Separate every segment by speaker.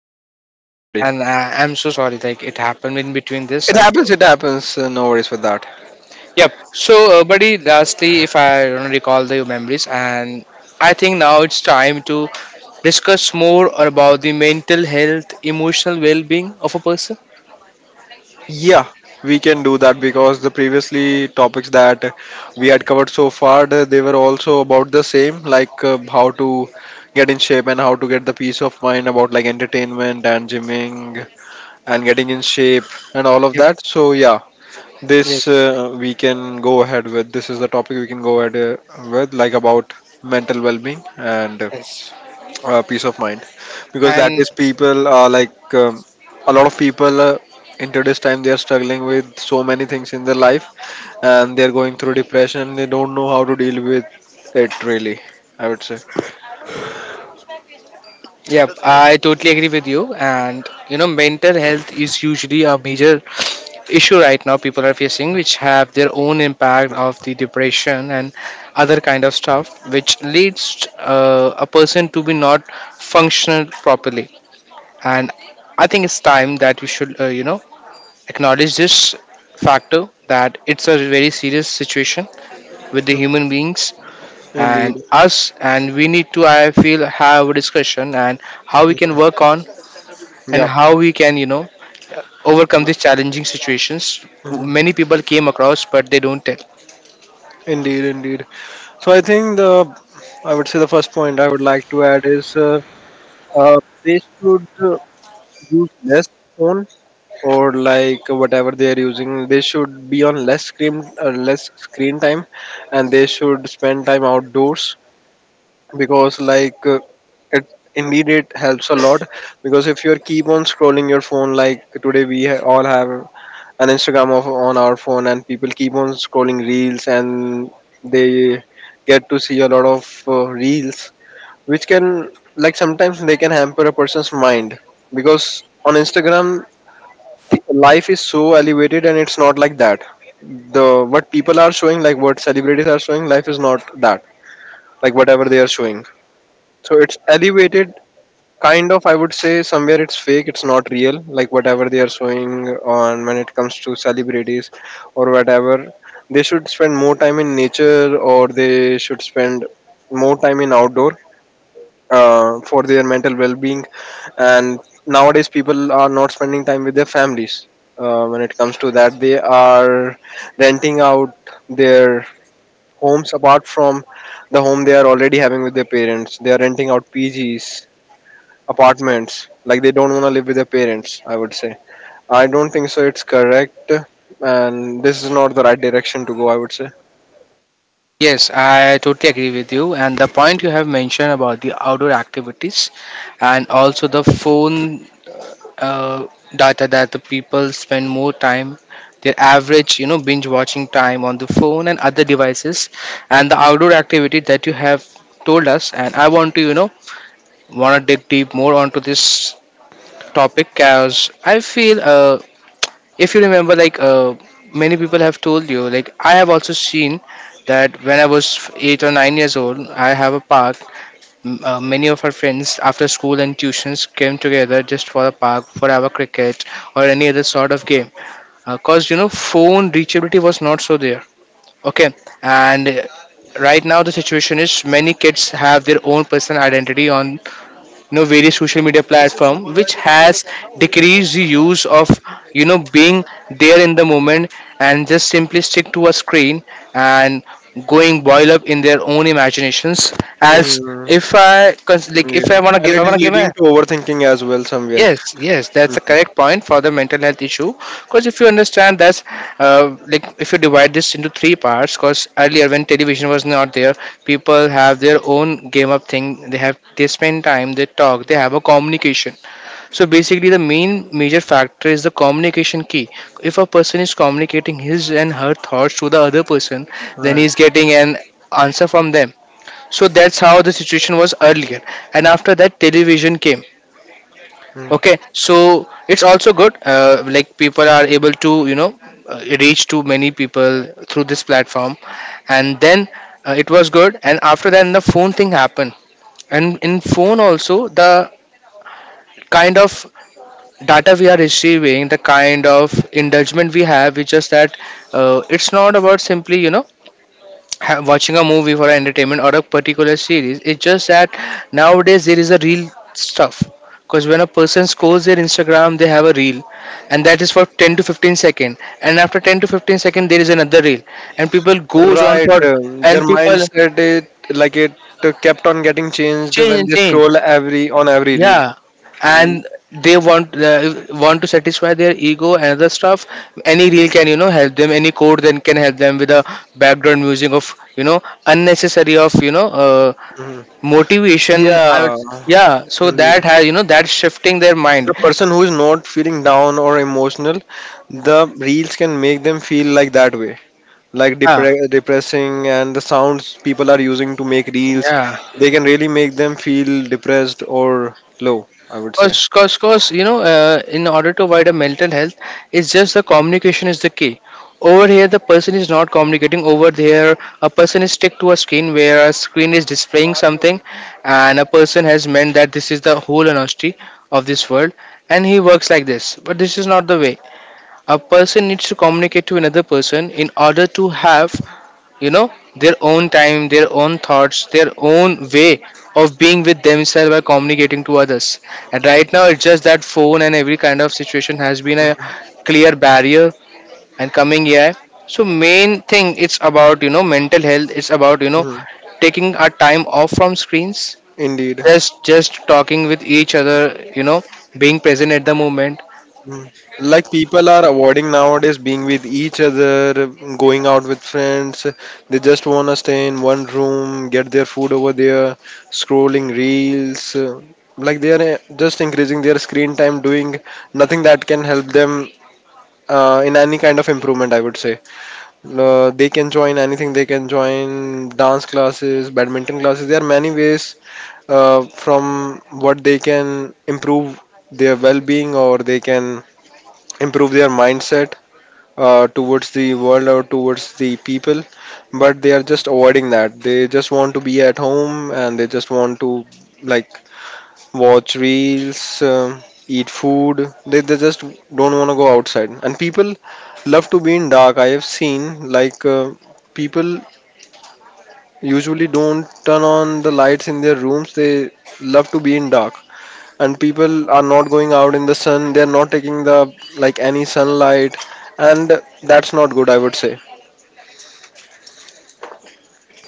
Speaker 1: getting this
Speaker 2: Thank.
Speaker 1: rectified, buddy.
Speaker 2: And I'm so sorry. Like, it happened in between this.
Speaker 1: It
Speaker 2: I'm
Speaker 1: happens,
Speaker 2: sorry.
Speaker 1: it happens. No worries with that.
Speaker 2: Yep. So, buddy, lastly, if I don't recall the memories, and I think now it's time to discuss more about the mental health, emotional well-being of a person.
Speaker 1: Yeah, we can do that, because the previously topics that we had covered so far, they were also about the same, like how to get in shape and how to get the peace of mind about, like, entertainment and gymming and getting in shape and all of
Speaker 2: Yep.
Speaker 1: that. So yeah, this
Speaker 2: Yes.
Speaker 1: we can go ahead with. This is the topic we can go ahead with, like, about mental well-being and.
Speaker 2: Yes.
Speaker 1: uh, peace of mind, because that
Speaker 2: And
Speaker 1: is people, like, a lot of people into this time, they are struggling with so many things in their life, and they're going through depression. They don't know how to deal with it, really, I would say.
Speaker 2: yep, I totally agree with you. And you know, mental health is usually a major issue right now people are facing, which have their own impact of the depression and other kind of stuff, which leads a person to be not functional properly. And I think it's time that we should, you know, acknowledge this factor that it's a very serious situation with the human beings
Speaker 1: Indeed.
Speaker 2: and us, and we need to, I feel, have a discussion and how we can work on, and
Speaker 1: Yeah.
Speaker 2: how we can, you know, overcome these challenging situations
Speaker 1: Hmm.
Speaker 2: many people came across but they don't tell.
Speaker 1: Indeed, indeed. So I think, the I would say, the first point I would like to add is they should use less phone, or, like, whatever they are using, they should be on less screen time, and they should spend time outdoors, because, like, it, indeed, it helps a lot. Because if you keep on scrolling your phone, like, today all have an instagram on our phone, and people keep on scrolling reels, and they get to see a lot of reels, which can, like, sometimes they can hamper a person's mind. Because on instagram, life is so elevated, and it's not like that. The What people are showing, like, what celebrities are showing, life is not that, like, whatever they are showing. So it's elevated, kind of, I would say. Somewhere it's fake, it's not real, like, whatever they are showing on when it comes to celebrities, or whatever. They should spend more time in nature, or they should spend more time in outdoor for their mental well-being. And nowadays people are not spending time with their families. When it comes to that, they are renting out their homes. Apart from the home they are already having with their parents, they are renting out pgs, apartments. Like, they don't want to live with their parents, I would say. I don't think so, it's correct. And this is not the right direction to go, I would say.
Speaker 2: Yes, I totally agree with you. And the point you have mentioned about the outdoor activities and also the phone uh, data that the people spend more time, their average, you know, binge watching time on the phone and other devices, and the outdoor activity that you have told us. And I want to, you know, want to dig deep more onto this topic as I feel if you remember like many people have told you, like I have also seen that when I was 8 or 9 years old, I have a park. Many of our friends after school and tuitions came together just for the park for our cricket or any other sort of game, because you know phone reachability was not so there. Okay. And right now the situation is many kids have their own personal identity on, you know, various social media platform, which has decreased the use of, you know, being there in the moment and just simply stick to a screen, and going boil up in their own imaginations. As
Speaker 1: Hmm.
Speaker 2: if I cons- like
Speaker 1: Yeah,
Speaker 2: if I want to
Speaker 1: and
Speaker 2: give I
Speaker 1: it is
Speaker 2: want to give
Speaker 1: leading
Speaker 2: a
Speaker 1: to overthinking as well, somewhere.
Speaker 2: yes, yes, that's the
Speaker 1: Mhm.
Speaker 2: correct point for the mental health issue. Because if you understand that's like if you divide this into three parts, because earlier when television was not there, people have their own game up thing. They have, they spend time, they talk, they have a communication. So basically, the main major factor is the communication key. If a person is communicating his and her thoughts to the other person, then
Speaker 1: Right.
Speaker 2: he's getting an answer from them. So that's how the situation was earlier. And after that, television came.
Speaker 1: Hmm.
Speaker 2: Okay, so it's also good. Like people are able to, you know, reach to many people through this platform, and then it was good. And after then, the phone thing happened. And in phone also, the kind of data we are receiving, the kind of indulgement we have, it's just that it's not about simply, you know, watching a movie for entertainment or a particular series. It's just that nowadays there is a real stuff. Because when a person scrolls their Instagram, they have a reel, and that is for 10 to 15 second. And after 10 to 15 second, there is another reel, and people goes on
Speaker 1: Right,
Speaker 2: for,
Speaker 1: their
Speaker 2: and people
Speaker 1: mindset is, like, it kept on getting changed
Speaker 2: change
Speaker 1: when
Speaker 2: and
Speaker 1: they
Speaker 2: change.
Speaker 1: scroll every reel.
Speaker 2: Yeah, and they want to satisfy their ego and other stuff. Any reel can, you know, help them. Any code then can help them with a background music of, you know, unnecessary of, you know.
Speaker 1: Mhm.
Speaker 2: Motivation, I would,
Speaker 1: Yeah,
Speaker 2: yeah, so
Speaker 1: indeed.
Speaker 2: that has, you know, that's shifting their mind.
Speaker 1: The person who is not feeling down or emotional, the reels can make them feel like that way, like,
Speaker 2: Yeah,
Speaker 1: depressing, and the sounds people are using to make reels,
Speaker 2: yeah.
Speaker 1: they can really make them feel depressed or low, I would say.
Speaker 2: Cause you know, in order to avoid a mental health, it's just the communication is the key. Over here the person is not communicating. Over there a person is stick to a screen where a screen is displaying something, and a person has meant that this is the whole honesty of this world, and he works like this. But this is not the way a person needs to communicate to another person in order to have, you know, their own time, their own thoughts, their own way of being with themselves by communicating to others. And right now it's just that phone and every kind of situation has been a
Speaker 1: Mhm.
Speaker 2: clear barrier, and coming AI. So main thing, it's about, you know, mental health. It's about, you know,
Speaker 1: Mhm.
Speaker 2: taking our time off from screens,
Speaker 1: Indeed.
Speaker 2: just talking with each other, you know, being present at the moment.
Speaker 1: Mm. Like, people are avoiding nowadays being with each other, going out with friends. They just want to stay in one room, get their food over there, scrolling reels. Like, they are just increasing their screen time, doing nothing that can help them in any kind of improvement, I would say. They can join anything, they can join dance classes, badminton classes. There are many ways from what they can improve their well being, or they can improve their mindset towards the world or towards the people. But they are just avoiding that, they just want to be at home, and they just want to, like, watch reels, eat food. They just don't want to go outside. And people love to be in dark, I have seen. Like, people usually don't turn on the lights in their rooms, they love to be in dark. And people are not going out in the sun, they're not taking, the like, any sunlight. And that's not good, I would say.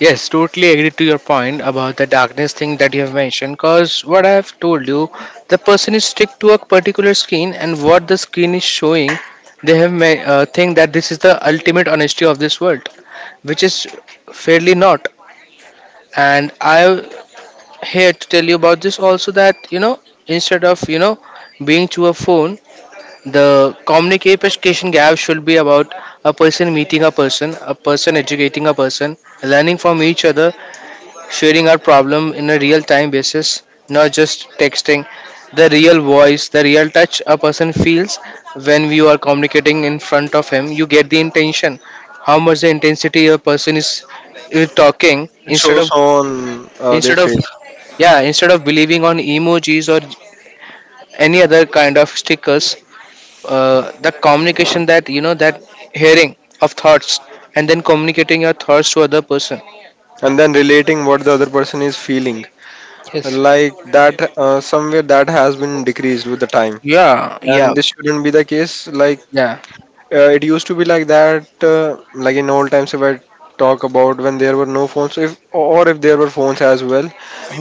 Speaker 2: Yes, totally agree to your point about the darkness thing that you have mentioned. Because what I have told you, the person is stick to a particular screen, and what the screen is showing, they have think that this is the ultimate honesty of this world, which is fairly not. And I'm here to tell you about this also, that you know, instead of, you know, being to a phone, the communication gap should be about a person meeting a person educating a person, learning from each other, sharing our problem in a real time basis, not just texting. The real voice, the real touch a person feels when you are communicating in front of him, you get the intention. How much the intensity a person is talking,
Speaker 1: It
Speaker 2: instead
Speaker 1: shows
Speaker 2: of,
Speaker 1: on their
Speaker 2: instead of
Speaker 1: face.
Speaker 2: yeah, instead of believing on emojis or any other kind of stickers. The communication that, you know, that hearing of thoughts and then communicating your thoughts to other person.
Speaker 1: And then relating what the other person is feeling,
Speaker 2: Yes.
Speaker 1: like that, somewhere that has been decreased with the time.
Speaker 2: Yeah. Yeah.
Speaker 1: And this shouldn't be the case. Like,
Speaker 2: Yeah.
Speaker 1: it used to be like that. Like, in old times, if I talk about when there were no phones, if or if there were phones as well,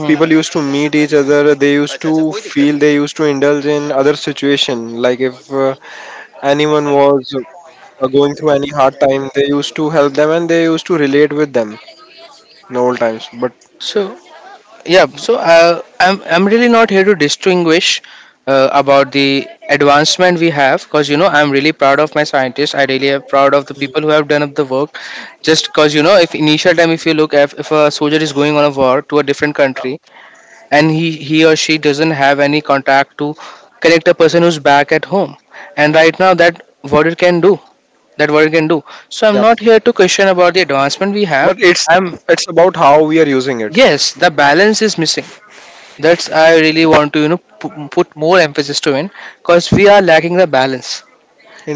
Speaker 1: people used to meet each other, they used to feel, they used to indulge in other situation. Like, if anyone was going through any hard time, they used to help them, and they used to relate with them in old times. But
Speaker 2: So yeah, so I'm really not here to distinguish about the advancement we have, because you know I'm really proud of my scientists. I really am proud of the people who have done up the work. Just because you know, if initial time, if you look, if a soldier is going on a war to a different
Speaker 1: uh,
Speaker 2: country, and he or she doesn't have any contact to connect a person who's back at home, and right now that what it can do, that what it can do. So I'm
Speaker 1: yeah,
Speaker 2: not here to question about the advancement we have.
Speaker 1: but it's
Speaker 2: I'm
Speaker 1: it's about how we are using it.
Speaker 2: yes, the balance is missing. That's, I really want to, you know, put more emphasis to in, because we are lacking the balance,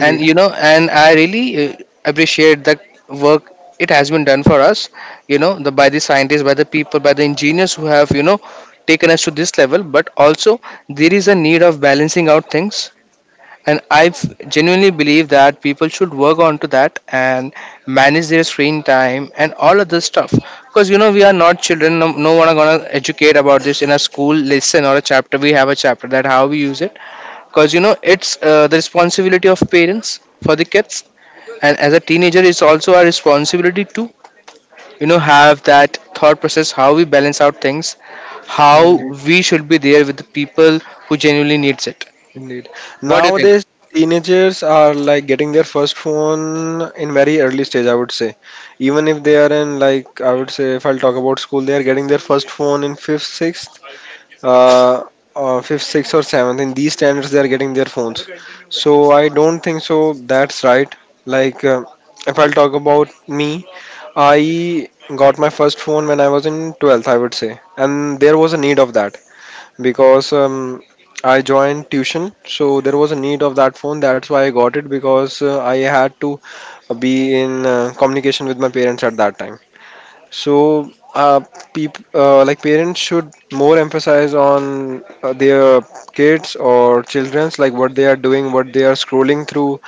Speaker 2: and you know, and I really appreciate the work it has been done for us. You know, the by the scientists, by the people, by the engineers who have, you know, taken us to this level. But also there is a need of balancing out things, and I genuinely believe that people should work on to that and manage their screen time and all of this stuff, because you know we are not children. No, no one are gonna educate about this in a school lesson or a chapter. We have a chapter that how we use it, because you know it's the responsibility of parents for the kids, and as a teenager it's also our responsibility to, you know, have that thought process, how we balance out things, how
Speaker 1: indeed,
Speaker 2: we should be there with the people who genuinely needs it.
Speaker 1: indeed.
Speaker 2: What do you think?
Speaker 1: Nowadays teenagers are, like, getting their first phone in very early stage, I would say. Even if they are in, like, I would say, if I'll talk about school, they are getting their first phone in uh, fifth, sixth, or seventh. In these standards, they are getting their phones. So I don't think so, that's right. Like, if I'll talk about me, I got my first phone when I was in 12th, I would say, and there was a need of that, because I joined tuition, so there was a need of that phone. That's why I got it, because I had to be in communication with my parents at that time. So, like, parents should more emphasize on their kids or children's, like, what they are doing, what they are scrolling through,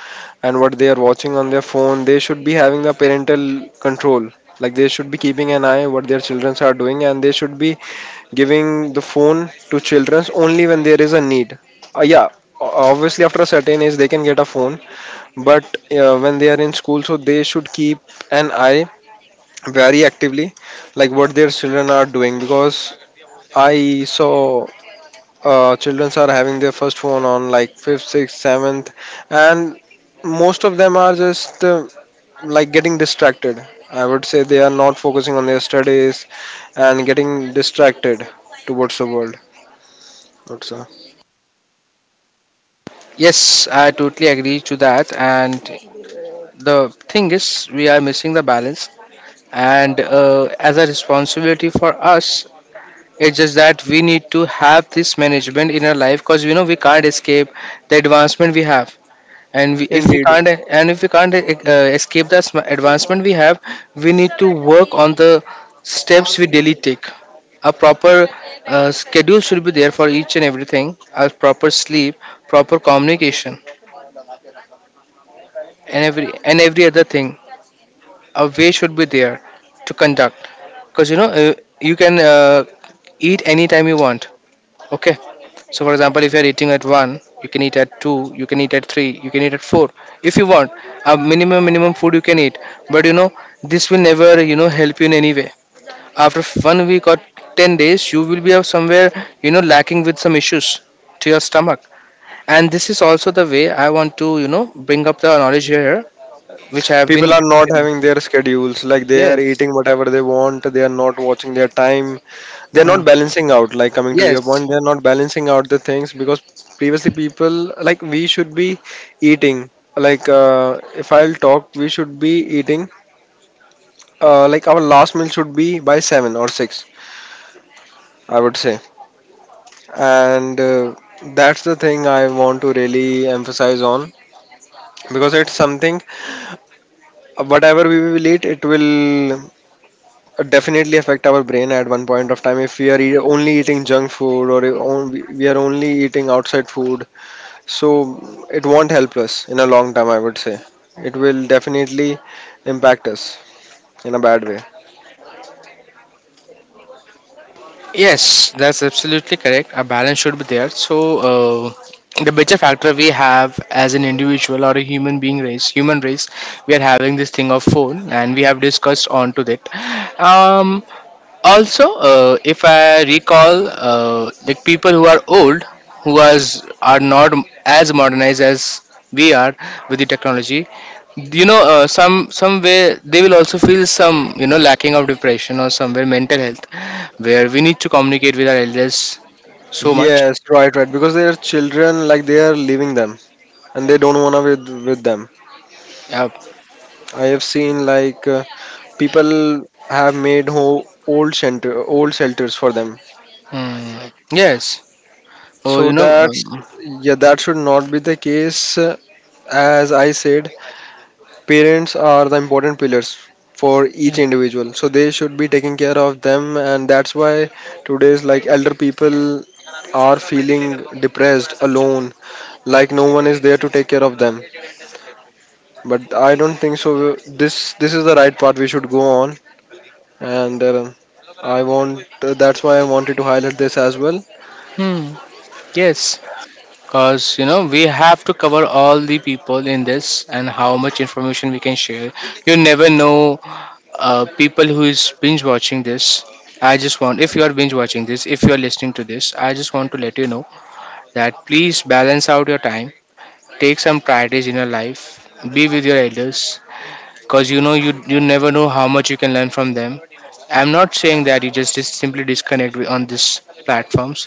Speaker 1: and what they are watching on their phone. They should be having the parental control. Like, they should be keeping an eye what their childrens are doing, and they should be giving the phone to childrens only when there is a need. Yeah, obviously after a certain age they can get a phone. But when they are in school, so they should keep an eye very actively, like, what their children are doing. Because I saw children are having their first phone on, like, fifth, sixth, seventh. And most of them are just like, getting distracted, I would say. They are not focusing on their studies and getting distracted towards the world also.
Speaker 2: Yes, I totally agree to that. And the thing is, we are missing the balance. And as a responsibility for us, it's just that we need to have this management in our life, because you know we can't escape the advancement we have. And we, if we
Speaker 1: Indeed.
Speaker 2: can't, and if we can't escape the advancement we have, we need to work on the steps we daily take. A proper schedule should be there for each and everything. A proper sleep, proper communication, and every other thing, a way should be there to conduct, because you know you can eat anytime you want. Okay, so for example, if you are eating at 1, you can eat at 2, you can eat at 3, you can eat at 4 if you want. A minimum food you can eat, but you know this will never, you know, help you in any way. After 1 week or 10 days, you will be of somewhere, you know, lacking with some issues to your stomach. And this is also the way I want to, you know, bring up the knowledge here, which I have
Speaker 1: People
Speaker 2: been
Speaker 1: are not
Speaker 2: sharing.
Speaker 1: having their schedules, like, they are
Speaker 2: Yes.
Speaker 1: eating whatever they want, they are not watching their time, they're
Speaker 2: Mm.
Speaker 1: not balancing out. Like, coming to your
Speaker 2: Yes,
Speaker 1: point, they're not balancing out the things. Because previously people, like, we should be eating, like, if I'll talk, we should be eating, like, our last meal should be by 7 or 6, I would say. And that's the thing I want to really emphasize on, because it's something. Whatever we will eat, it will definitely affect our brain at one point of time. If we are only eating junk food, or if on- we are only eating outside food, so it won't help us in a long time, I would say. It will definitely impact us in a bad way.
Speaker 2: yes, that's absolutely correct. A balance should be there. So, the major factor we have as an individual or a human being race, human race, we are having this thing of phone, and we have discussed on to that. Um, Also, if I recall, like people who are old who was are not as modernized as we are with the technology, you know, some way they will also feel some, lacking of depression or somewhere mental health, where we need to communicate with our elders so much.
Speaker 1: Yes, right, right. Because they are children, like, they are leaving them, and they don't wanna with them.
Speaker 2: Yeah.
Speaker 1: I have seen, like, people have made ho old shelter old shelters for them.
Speaker 2: Hmm. Yes. Oh,
Speaker 1: So that's, yeah, that should not be the case. As I said, parents are the important pillars for each individual, so they should be taking care of them. And that's why today's, like, elder people are feeling depressed, alone, like, no one is there to take care of them. But I don't think so. This is the right part we should go on. And I want, that's why I wanted to highlight this as well.
Speaker 2: hmm. Yes, because you know we have to cover all the people in this and how much information we can share. You never know, people who is binge watching this. I just want, if you are binge watching this, if you are listening to this, I just want to let you know that please balance out your time, take some priorities in your life, be with your elders, because you never know how much you can learn from them. I'm not saying that you just simply disconnect with- on these platforms.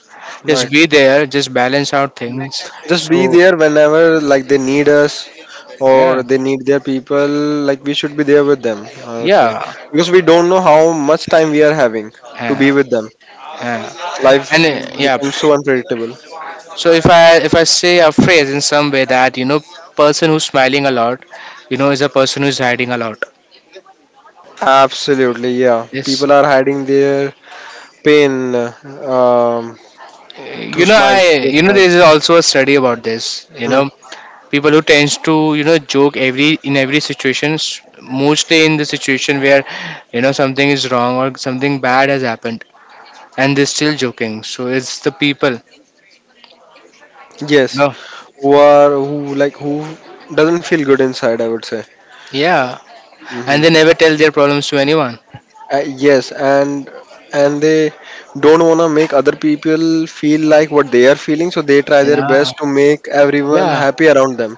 Speaker 2: Just
Speaker 1: Right.
Speaker 2: be there, just balance out things.
Speaker 1: Just be
Speaker 2: So
Speaker 1: there whenever, like, they need us
Speaker 2: yeah,
Speaker 1: or they need their people. Like, we should be there with them, I would say.
Speaker 2: yeah,
Speaker 1: Because we don't know how much time we are having to
Speaker 2: yeah,
Speaker 1: be with them.
Speaker 2: yeah.
Speaker 1: Life
Speaker 2: And yeah,
Speaker 1: becomes so unpredictable.
Speaker 2: so if I say a phrase in some way that, you know, person who's smiling a lot, you know, is a person who's hiding a lot.
Speaker 1: Absolutely. Yeah,
Speaker 2: Yes.
Speaker 1: people are hiding their pain, um,
Speaker 2: Uh, you
Speaker 1: through
Speaker 2: know, I,
Speaker 1: smiles, through
Speaker 2: you know,
Speaker 1: smiles.
Speaker 2: there is also a study about this, you know,
Speaker 1: Mm.
Speaker 2: people who tends to, you know, joke every in every situation, mostly in the situation where, you know, something is wrong or something bad has happened, and they're still joking, so it's the people, you
Speaker 1: Yes,
Speaker 2: know.
Speaker 1: who are who like who doesn't feel good inside, I would say.
Speaker 2: Yeah. And
Speaker 1: Mhm.
Speaker 2: they never tell their problems to anyone.
Speaker 1: Yes, and they don't want to make other people feel like what they are feeling, so they try their
Speaker 2: Yeah.
Speaker 1: best to make everyone
Speaker 2: Yeah,
Speaker 1: happy around them.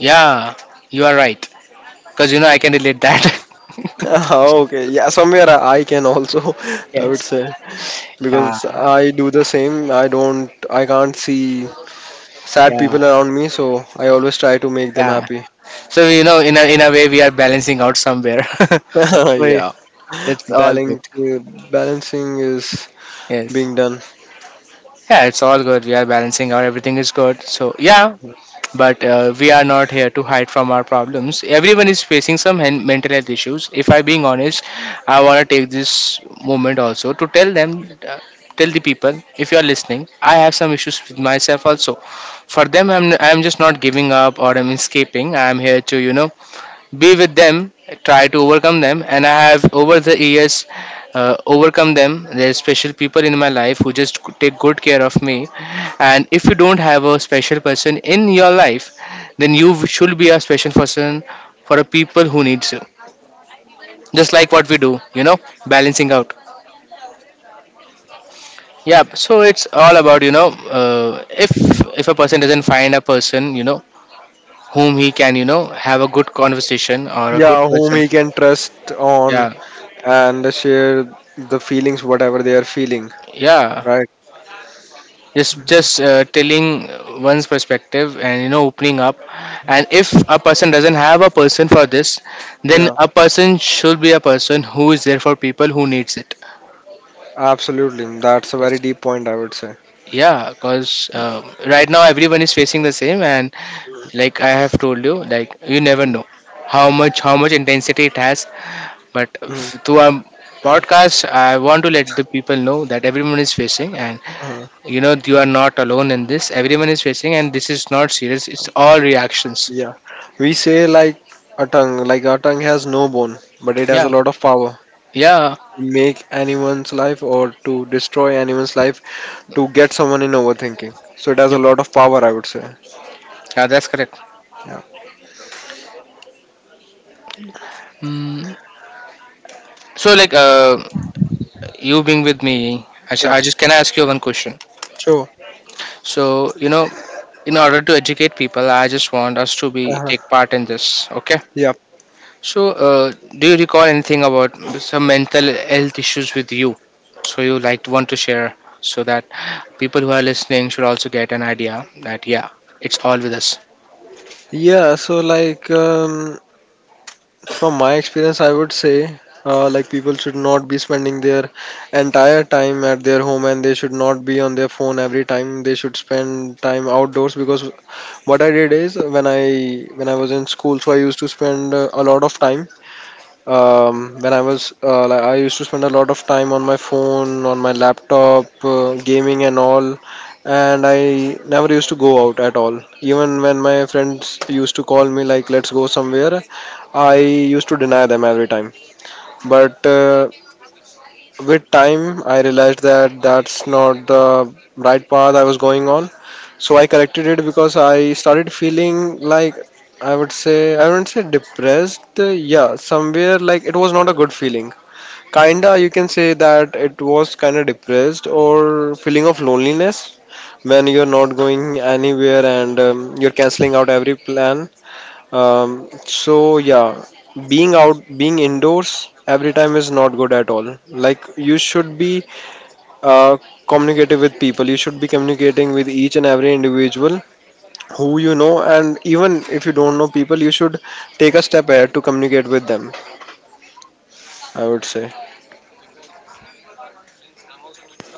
Speaker 2: yeah, you are right. Because you know I can relate that.
Speaker 1: Okay, yeah, somewhere I can also, I would
Speaker 2: Yes.
Speaker 1: say, because
Speaker 2: Yeah,
Speaker 1: I do the same. I can't see sad people
Speaker 2: yeah,
Speaker 1: around me, so I always try to make them
Speaker 2: yeah.
Speaker 1: happy.
Speaker 2: So you know, in a way, we are balancing out somewhere. So it-
Speaker 1: Yeah,
Speaker 2: it's all good.
Speaker 1: balancing, balancing is
Speaker 2: Yes.
Speaker 1: being done.
Speaker 2: Yeah, it's all good. We are balancing out. Everything is good. So yeah, but we are not here to hide from our problems. Everyone is facing some mental health issues. If I'm being honest, I want to take this moment also to tell them, tell the people, if you are listening, I have some issues with myself also. For them, I'm just not giving up or I'm escaping. I'm here to, you know, be with them, try to overcome them, and I have, over the years, overcome them. There's special people in my life who just take good care of me, and if you don't have a special person in your life, then you should be a special person for a people who needs you, just like what we do, you know, balancing out. Yeah, so it's all about, you know, if a person doesn't find a person, you know, whom he can, you know, have a good conversation or a good
Speaker 1: Yeah, whom
Speaker 2: person.
Speaker 1: he can trust on,
Speaker 2: Yeah.
Speaker 1: and share the feelings, whatever they are feeling.
Speaker 2: Yeah.
Speaker 1: Right.
Speaker 2: Just telling one's perspective and, you know, opening up, and if a person doesn't have a person for this, then
Speaker 1: Yeah.
Speaker 2: a person should be a person who is there for people who needs it.
Speaker 1: Absolutely, that's a very deep point, I would say.
Speaker 2: Yeah, because right now everyone is facing the same, and like I have told you, like you never
Speaker 1: Mhm,
Speaker 2: know how much intensity it has, but
Speaker 1: mhm,
Speaker 2: through our podcast, I want to let the people know that everyone is facing, and
Speaker 1: mhm.
Speaker 2: you know you are not alone in this. Everyone is facing, and this is not serious, it's all reactions.
Speaker 1: Yeah. We say, like, a tongue, like, our tongue has no bone, but it has
Speaker 2: Yeah.
Speaker 1: a lot of power
Speaker 2: Yeah.
Speaker 1: to make anyone's life or to destroy anyone's life, to get someone in overthinking. So it has a
Speaker 2: Yep.
Speaker 1: lot of power, I would say.
Speaker 2: Yeah, that's correct.
Speaker 1: Yeah.
Speaker 2: Mm. So like, you being with me Asha,
Speaker 1: Yep.
Speaker 2: I just, can I ask you one question?
Speaker 1: So.
Speaker 2: So you know, in order to educate people, I just want us to be
Speaker 1: Uh-huh.
Speaker 2: take part in this. Okay.
Speaker 1: Yep. Yeah.
Speaker 2: So uh, do you recall anything about some mental health issues with you, so you like want to share, so that people who are listening should also get an idea that yeah, it's all with us.
Speaker 1: Yeah, so like from my experience, I would say like people should not be spending their entire time at their home, and they should not be on their phone every time. They should spend time outdoors because what I did is when I was in school, so I used to spend a lot of time. When I was like, I used to spend a lot of time on my phone, on my laptop, gaming and all. And I never used to go out at all. Even when my friends used to call me like, "Let's go somewhere," I used to deny them every time. But with time, I realized that that's not the right path I was going on. So I corrected it because I started feeling like, I would say, I wouldn't say depressed. Yeah, somewhere like it was not a good feeling. Kinda, you can say that it was kinda depressed or feeling of loneliness when you're not going anywhere, and you're canceling out every plan, so yeah, being out, being indoors every time is not good at all. Like you should be uh, communicative with people. You should be communicating with each and every individual who you know, and even if you don't know people, you should take a step ahead to communicate with them, I would say.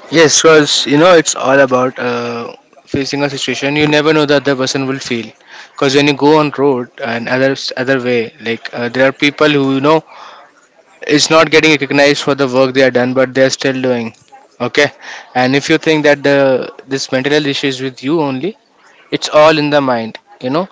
Speaker 2: Yes, because you know it's all about, facing a situation. You never know the other person will feel, because when you go on road and other way, like, there are people who, you know, it's not getting recognized for the work they are done, but they're still doing. Okay. And if you think that the this mental health issue is with you only, it's all in the mind, you know,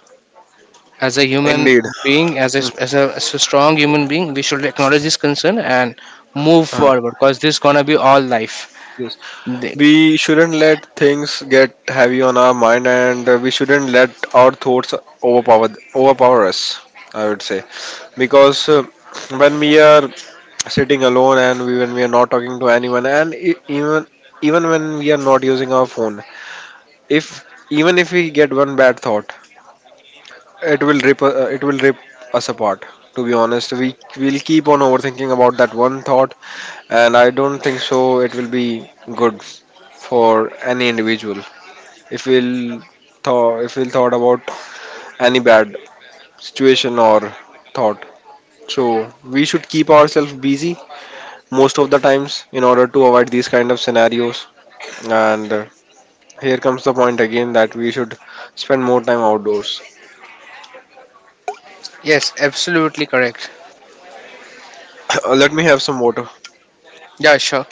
Speaker 2: as a human
Speaker 1: Indeed.
Speaker 2: being, as a strong human being, we should acknowledge this concern and move
Speaker 1: Uh,
Speaker 2: forward, because this gonna be all life.
Speaker 1: yes.
Speaker 2: They-
Speaker 1: We shouldn't let things get heavy on our mind, and we shouldn't let our thoughts overpower us, I would say. Because when we are sitting alone, when we are not talking to anyone, and even when we are not using our phone, if even if we get one bad thought, it will rip us apart, to be honest. We will keep on overthinking about that one thought, and I don't think so it will be good for any individual if we'll thought about any bad situation or thought. So we should keep ourselves busy most of the times in order to avoid these kind of scenarios. And here comes the point again, that we should spend more time outdoors.
Speaker 2: Yes, absolutely correct.
Speaker 1: Let me have some water.
Speaker 2: Yeah, sure.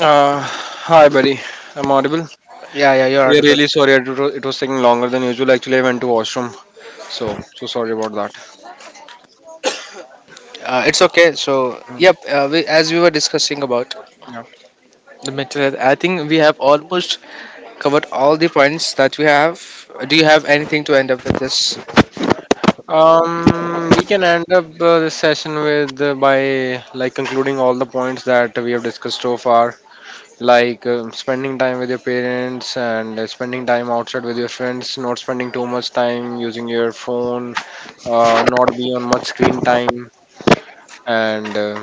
Speaker 1: Hi, buddy. I'm audible.
Speaker 2: Yeah, yeah, you're
Speaker 1: Yeah,
Speaker 2: right.
Speaker 1: really sorry. It was taking longer than usual. Actually, I went to washroom. So sorry about that.
Speaker 2: It's okay. So yep, as we were discussing about the mental health, I think we have almost covered all the points that we have. Do you have anything to end up with this?
Speaker 1: We can end up this session with by like concluding all the points that we have discussed so far. Like spending time with your parents, and spending time outside with your friends, not spending too much time using your phone, not be on much screen time, and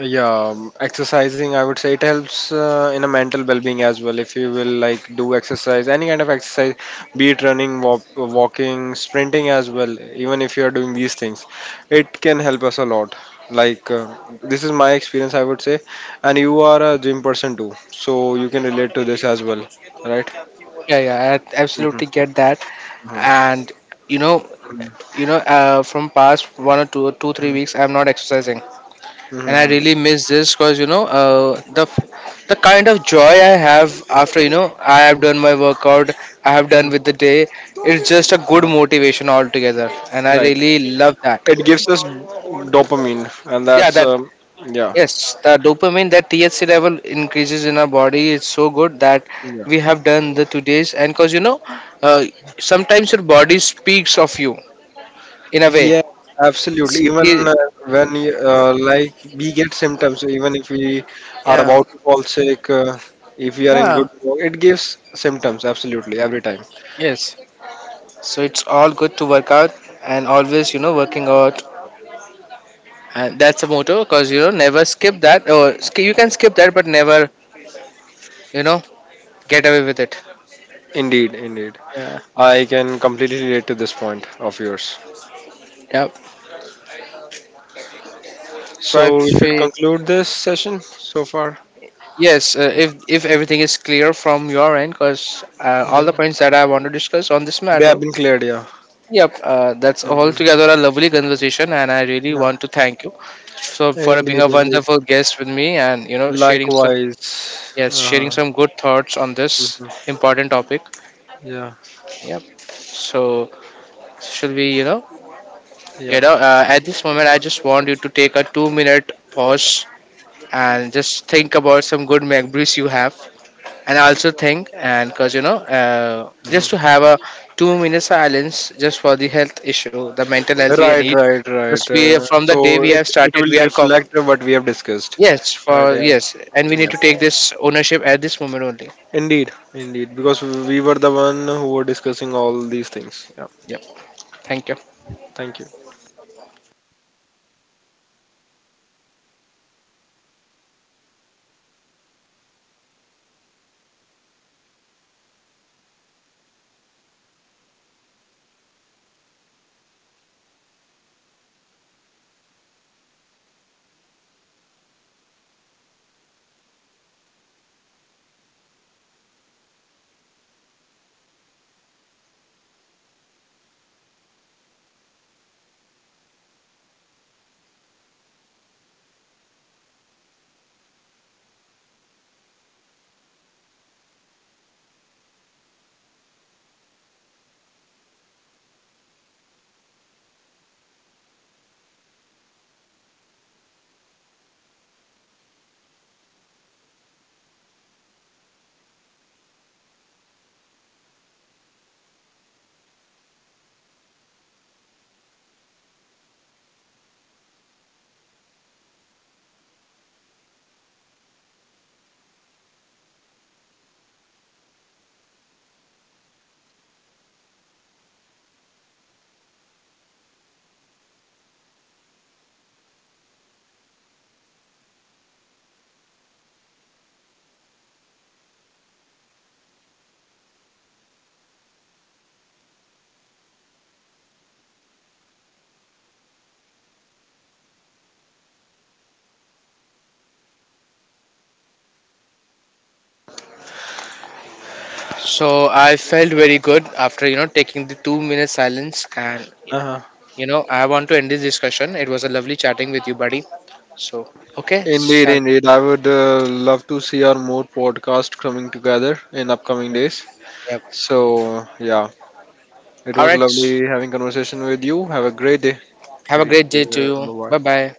Speaker 1: yeah, exercising, I would say, it helps in a mental well-being as well. If you will like do exercise, any kind of exercise, be it running, walking, sprinting as well, even if you are doing these things, it can help us a lot. Like this is my experience, I would say. And you are a gym person too, so you can relate to this as well, right?
Speaker 2: Yeah, yeah, I
Speaker 1: Mhm,
Speaker 2: absolutely get that.
Speaker 1: mhm,
Speaker 2: And you know, from past one or two, two, 3 weeks, I'm not exercising, and I
Speaker 1: mhm,
Speaker 2: really miss this, because you know, the kind of joy I have after, you know, I have
Speaker 1: mhm,
Speaker 2: done my workout, I have done
Speaker 1: mhm.
Speaker 2: with the day. It's just a good motivation altogether, and I
Speaker 1: Right,
Speaker 2: really love that.
Speaker 1: it gives us dopamine, and
Speaker 2: Yeah,
Speaker 1: that's
Speaker 2: that.
Speaker 1: yeah.
Speaker 2: Yes, the dopamine, that THC level increases in our body is so good, that
Speaker 1: Yeah.
Speaker 2: we have done the 2 days. And because you know, uh, sometimes your body speaks of you in a way.
Speaker 1: Yeah, absolutely. Even
Speaker 2: It's-
Speaker 1: when you, like we get symptoms, so even if we are
Speaker 2: Yeah,
Speaker 1: about to fall sick, if we are in
Speaker 2: yeah,
Speaker 1: good, it gives symptoms. Absolutely, every time.
Speaker 2: yes. So it's all good to work out, and always, you know, working out. And that's a motto because you know, never skip that. Or you can skip that, but never, you know, get away with it.
Speaker 1: Indeed, indeed.
Speaker 2: Yeah,
Speaker 1: I can completely relate to this point of yours.
Speaker 2: yeah. So I
Speaker 1: So we should
Speaker 2: feel.
Speaker 1: conclude this session so far.
Speaker 2: Yes, if everything is clear from your end, because all the
Speaker 1: Yeah,
Speaker 2: points that I want to discuss on this
Speaker 1: they
Speaker 2: matter.
Speaker 1: have been cleared. Yeah.
Speaker 2: Yep, that's
Speaker 1: Mhm.
Speaker 2: altogether a lovely conversation, and I really
Speaker 1: Yeah.
Speaker 2: want to thank you so for being
Speaker 1: Indeed,
Speaker 2: a
Speaker 1: indeed.
Speaker 2: wonderful guest with me, and you know, sharing some,
Speaker 1: Likewise.
Speaker 2: yes, sharing
Speaker 1: Uh-huh.
Speaker 2: some good thoughts on this
Speaker 1: Mhm.
Speaker 2: important topic.
Speaker 1: Yeah.
Speaker 2: Yep. So should we, you know,
Speaker 1: Yeah.
Speaker 2: at this moment I just want you to take a 2 minute pause, and just think about some good memories you have, and I also think, and because you know, just to
Speaker 1: Mhm.
Speaker 2: have a 2 minute silence just for the health issue, the mental health we
Speaker 1: Right,
Speaker 2: need.
Speaker 1: right,
Speaker 2: Because
Speaker 1: right.
Speaker 2: we,
Speaker 1: Uh,
Speaker 2: from the day
Speaker 1: so
Speaker 2: we
Speaker 1: it,
Speaker 2: have
Speaker 1: it
Speaker 2: started,
Speaker 1: will
Speaker 2: we are com-
Speaker 1: reflect what we have discussed.
Speaker 2: yes,
Speaker 1: Right,
Speaker 2: for
Speaker 1: yeah.
Speaker 2: yes, and we need
Speaker 1: Yeah.
Speaker 2: to take this ownership at this moment only.
Speaker 1: Indeed, indeed. Because we were the one who were discussing all these things. Yeah.
Speaker 2: Yep. Thank you.
Speaker 1: Thank you.
Speaker 2: So I felt very good after, you know, taking the 2 minute silence, and
Speaker 1: Uh-huh.
Speaker 2: you know, I want to end this discussion. It was a lovely chatting with you, buddy. So okay,
Speaker 1: Indeed,
Speaker 2: shall
Speaker 1: indeed. I would love to see our more podcast coming together in upcoming
Speaker 2: yeah.
Speaker 1: days.
Speaker 2: Yep.
Speaker 1: So yeah, it
Speaker 2: All
Speaker 1: was
Speaker 2: right.
Speaker 1: lovely having conversation with you. Have a great day.
Speaker 2: Have a
Speaker 1: Take
Speaker 2: great day to
Speaker 1: care.
Speaker 2: you. Bye
Speaker 1: Bye.
Speaker 2: bye.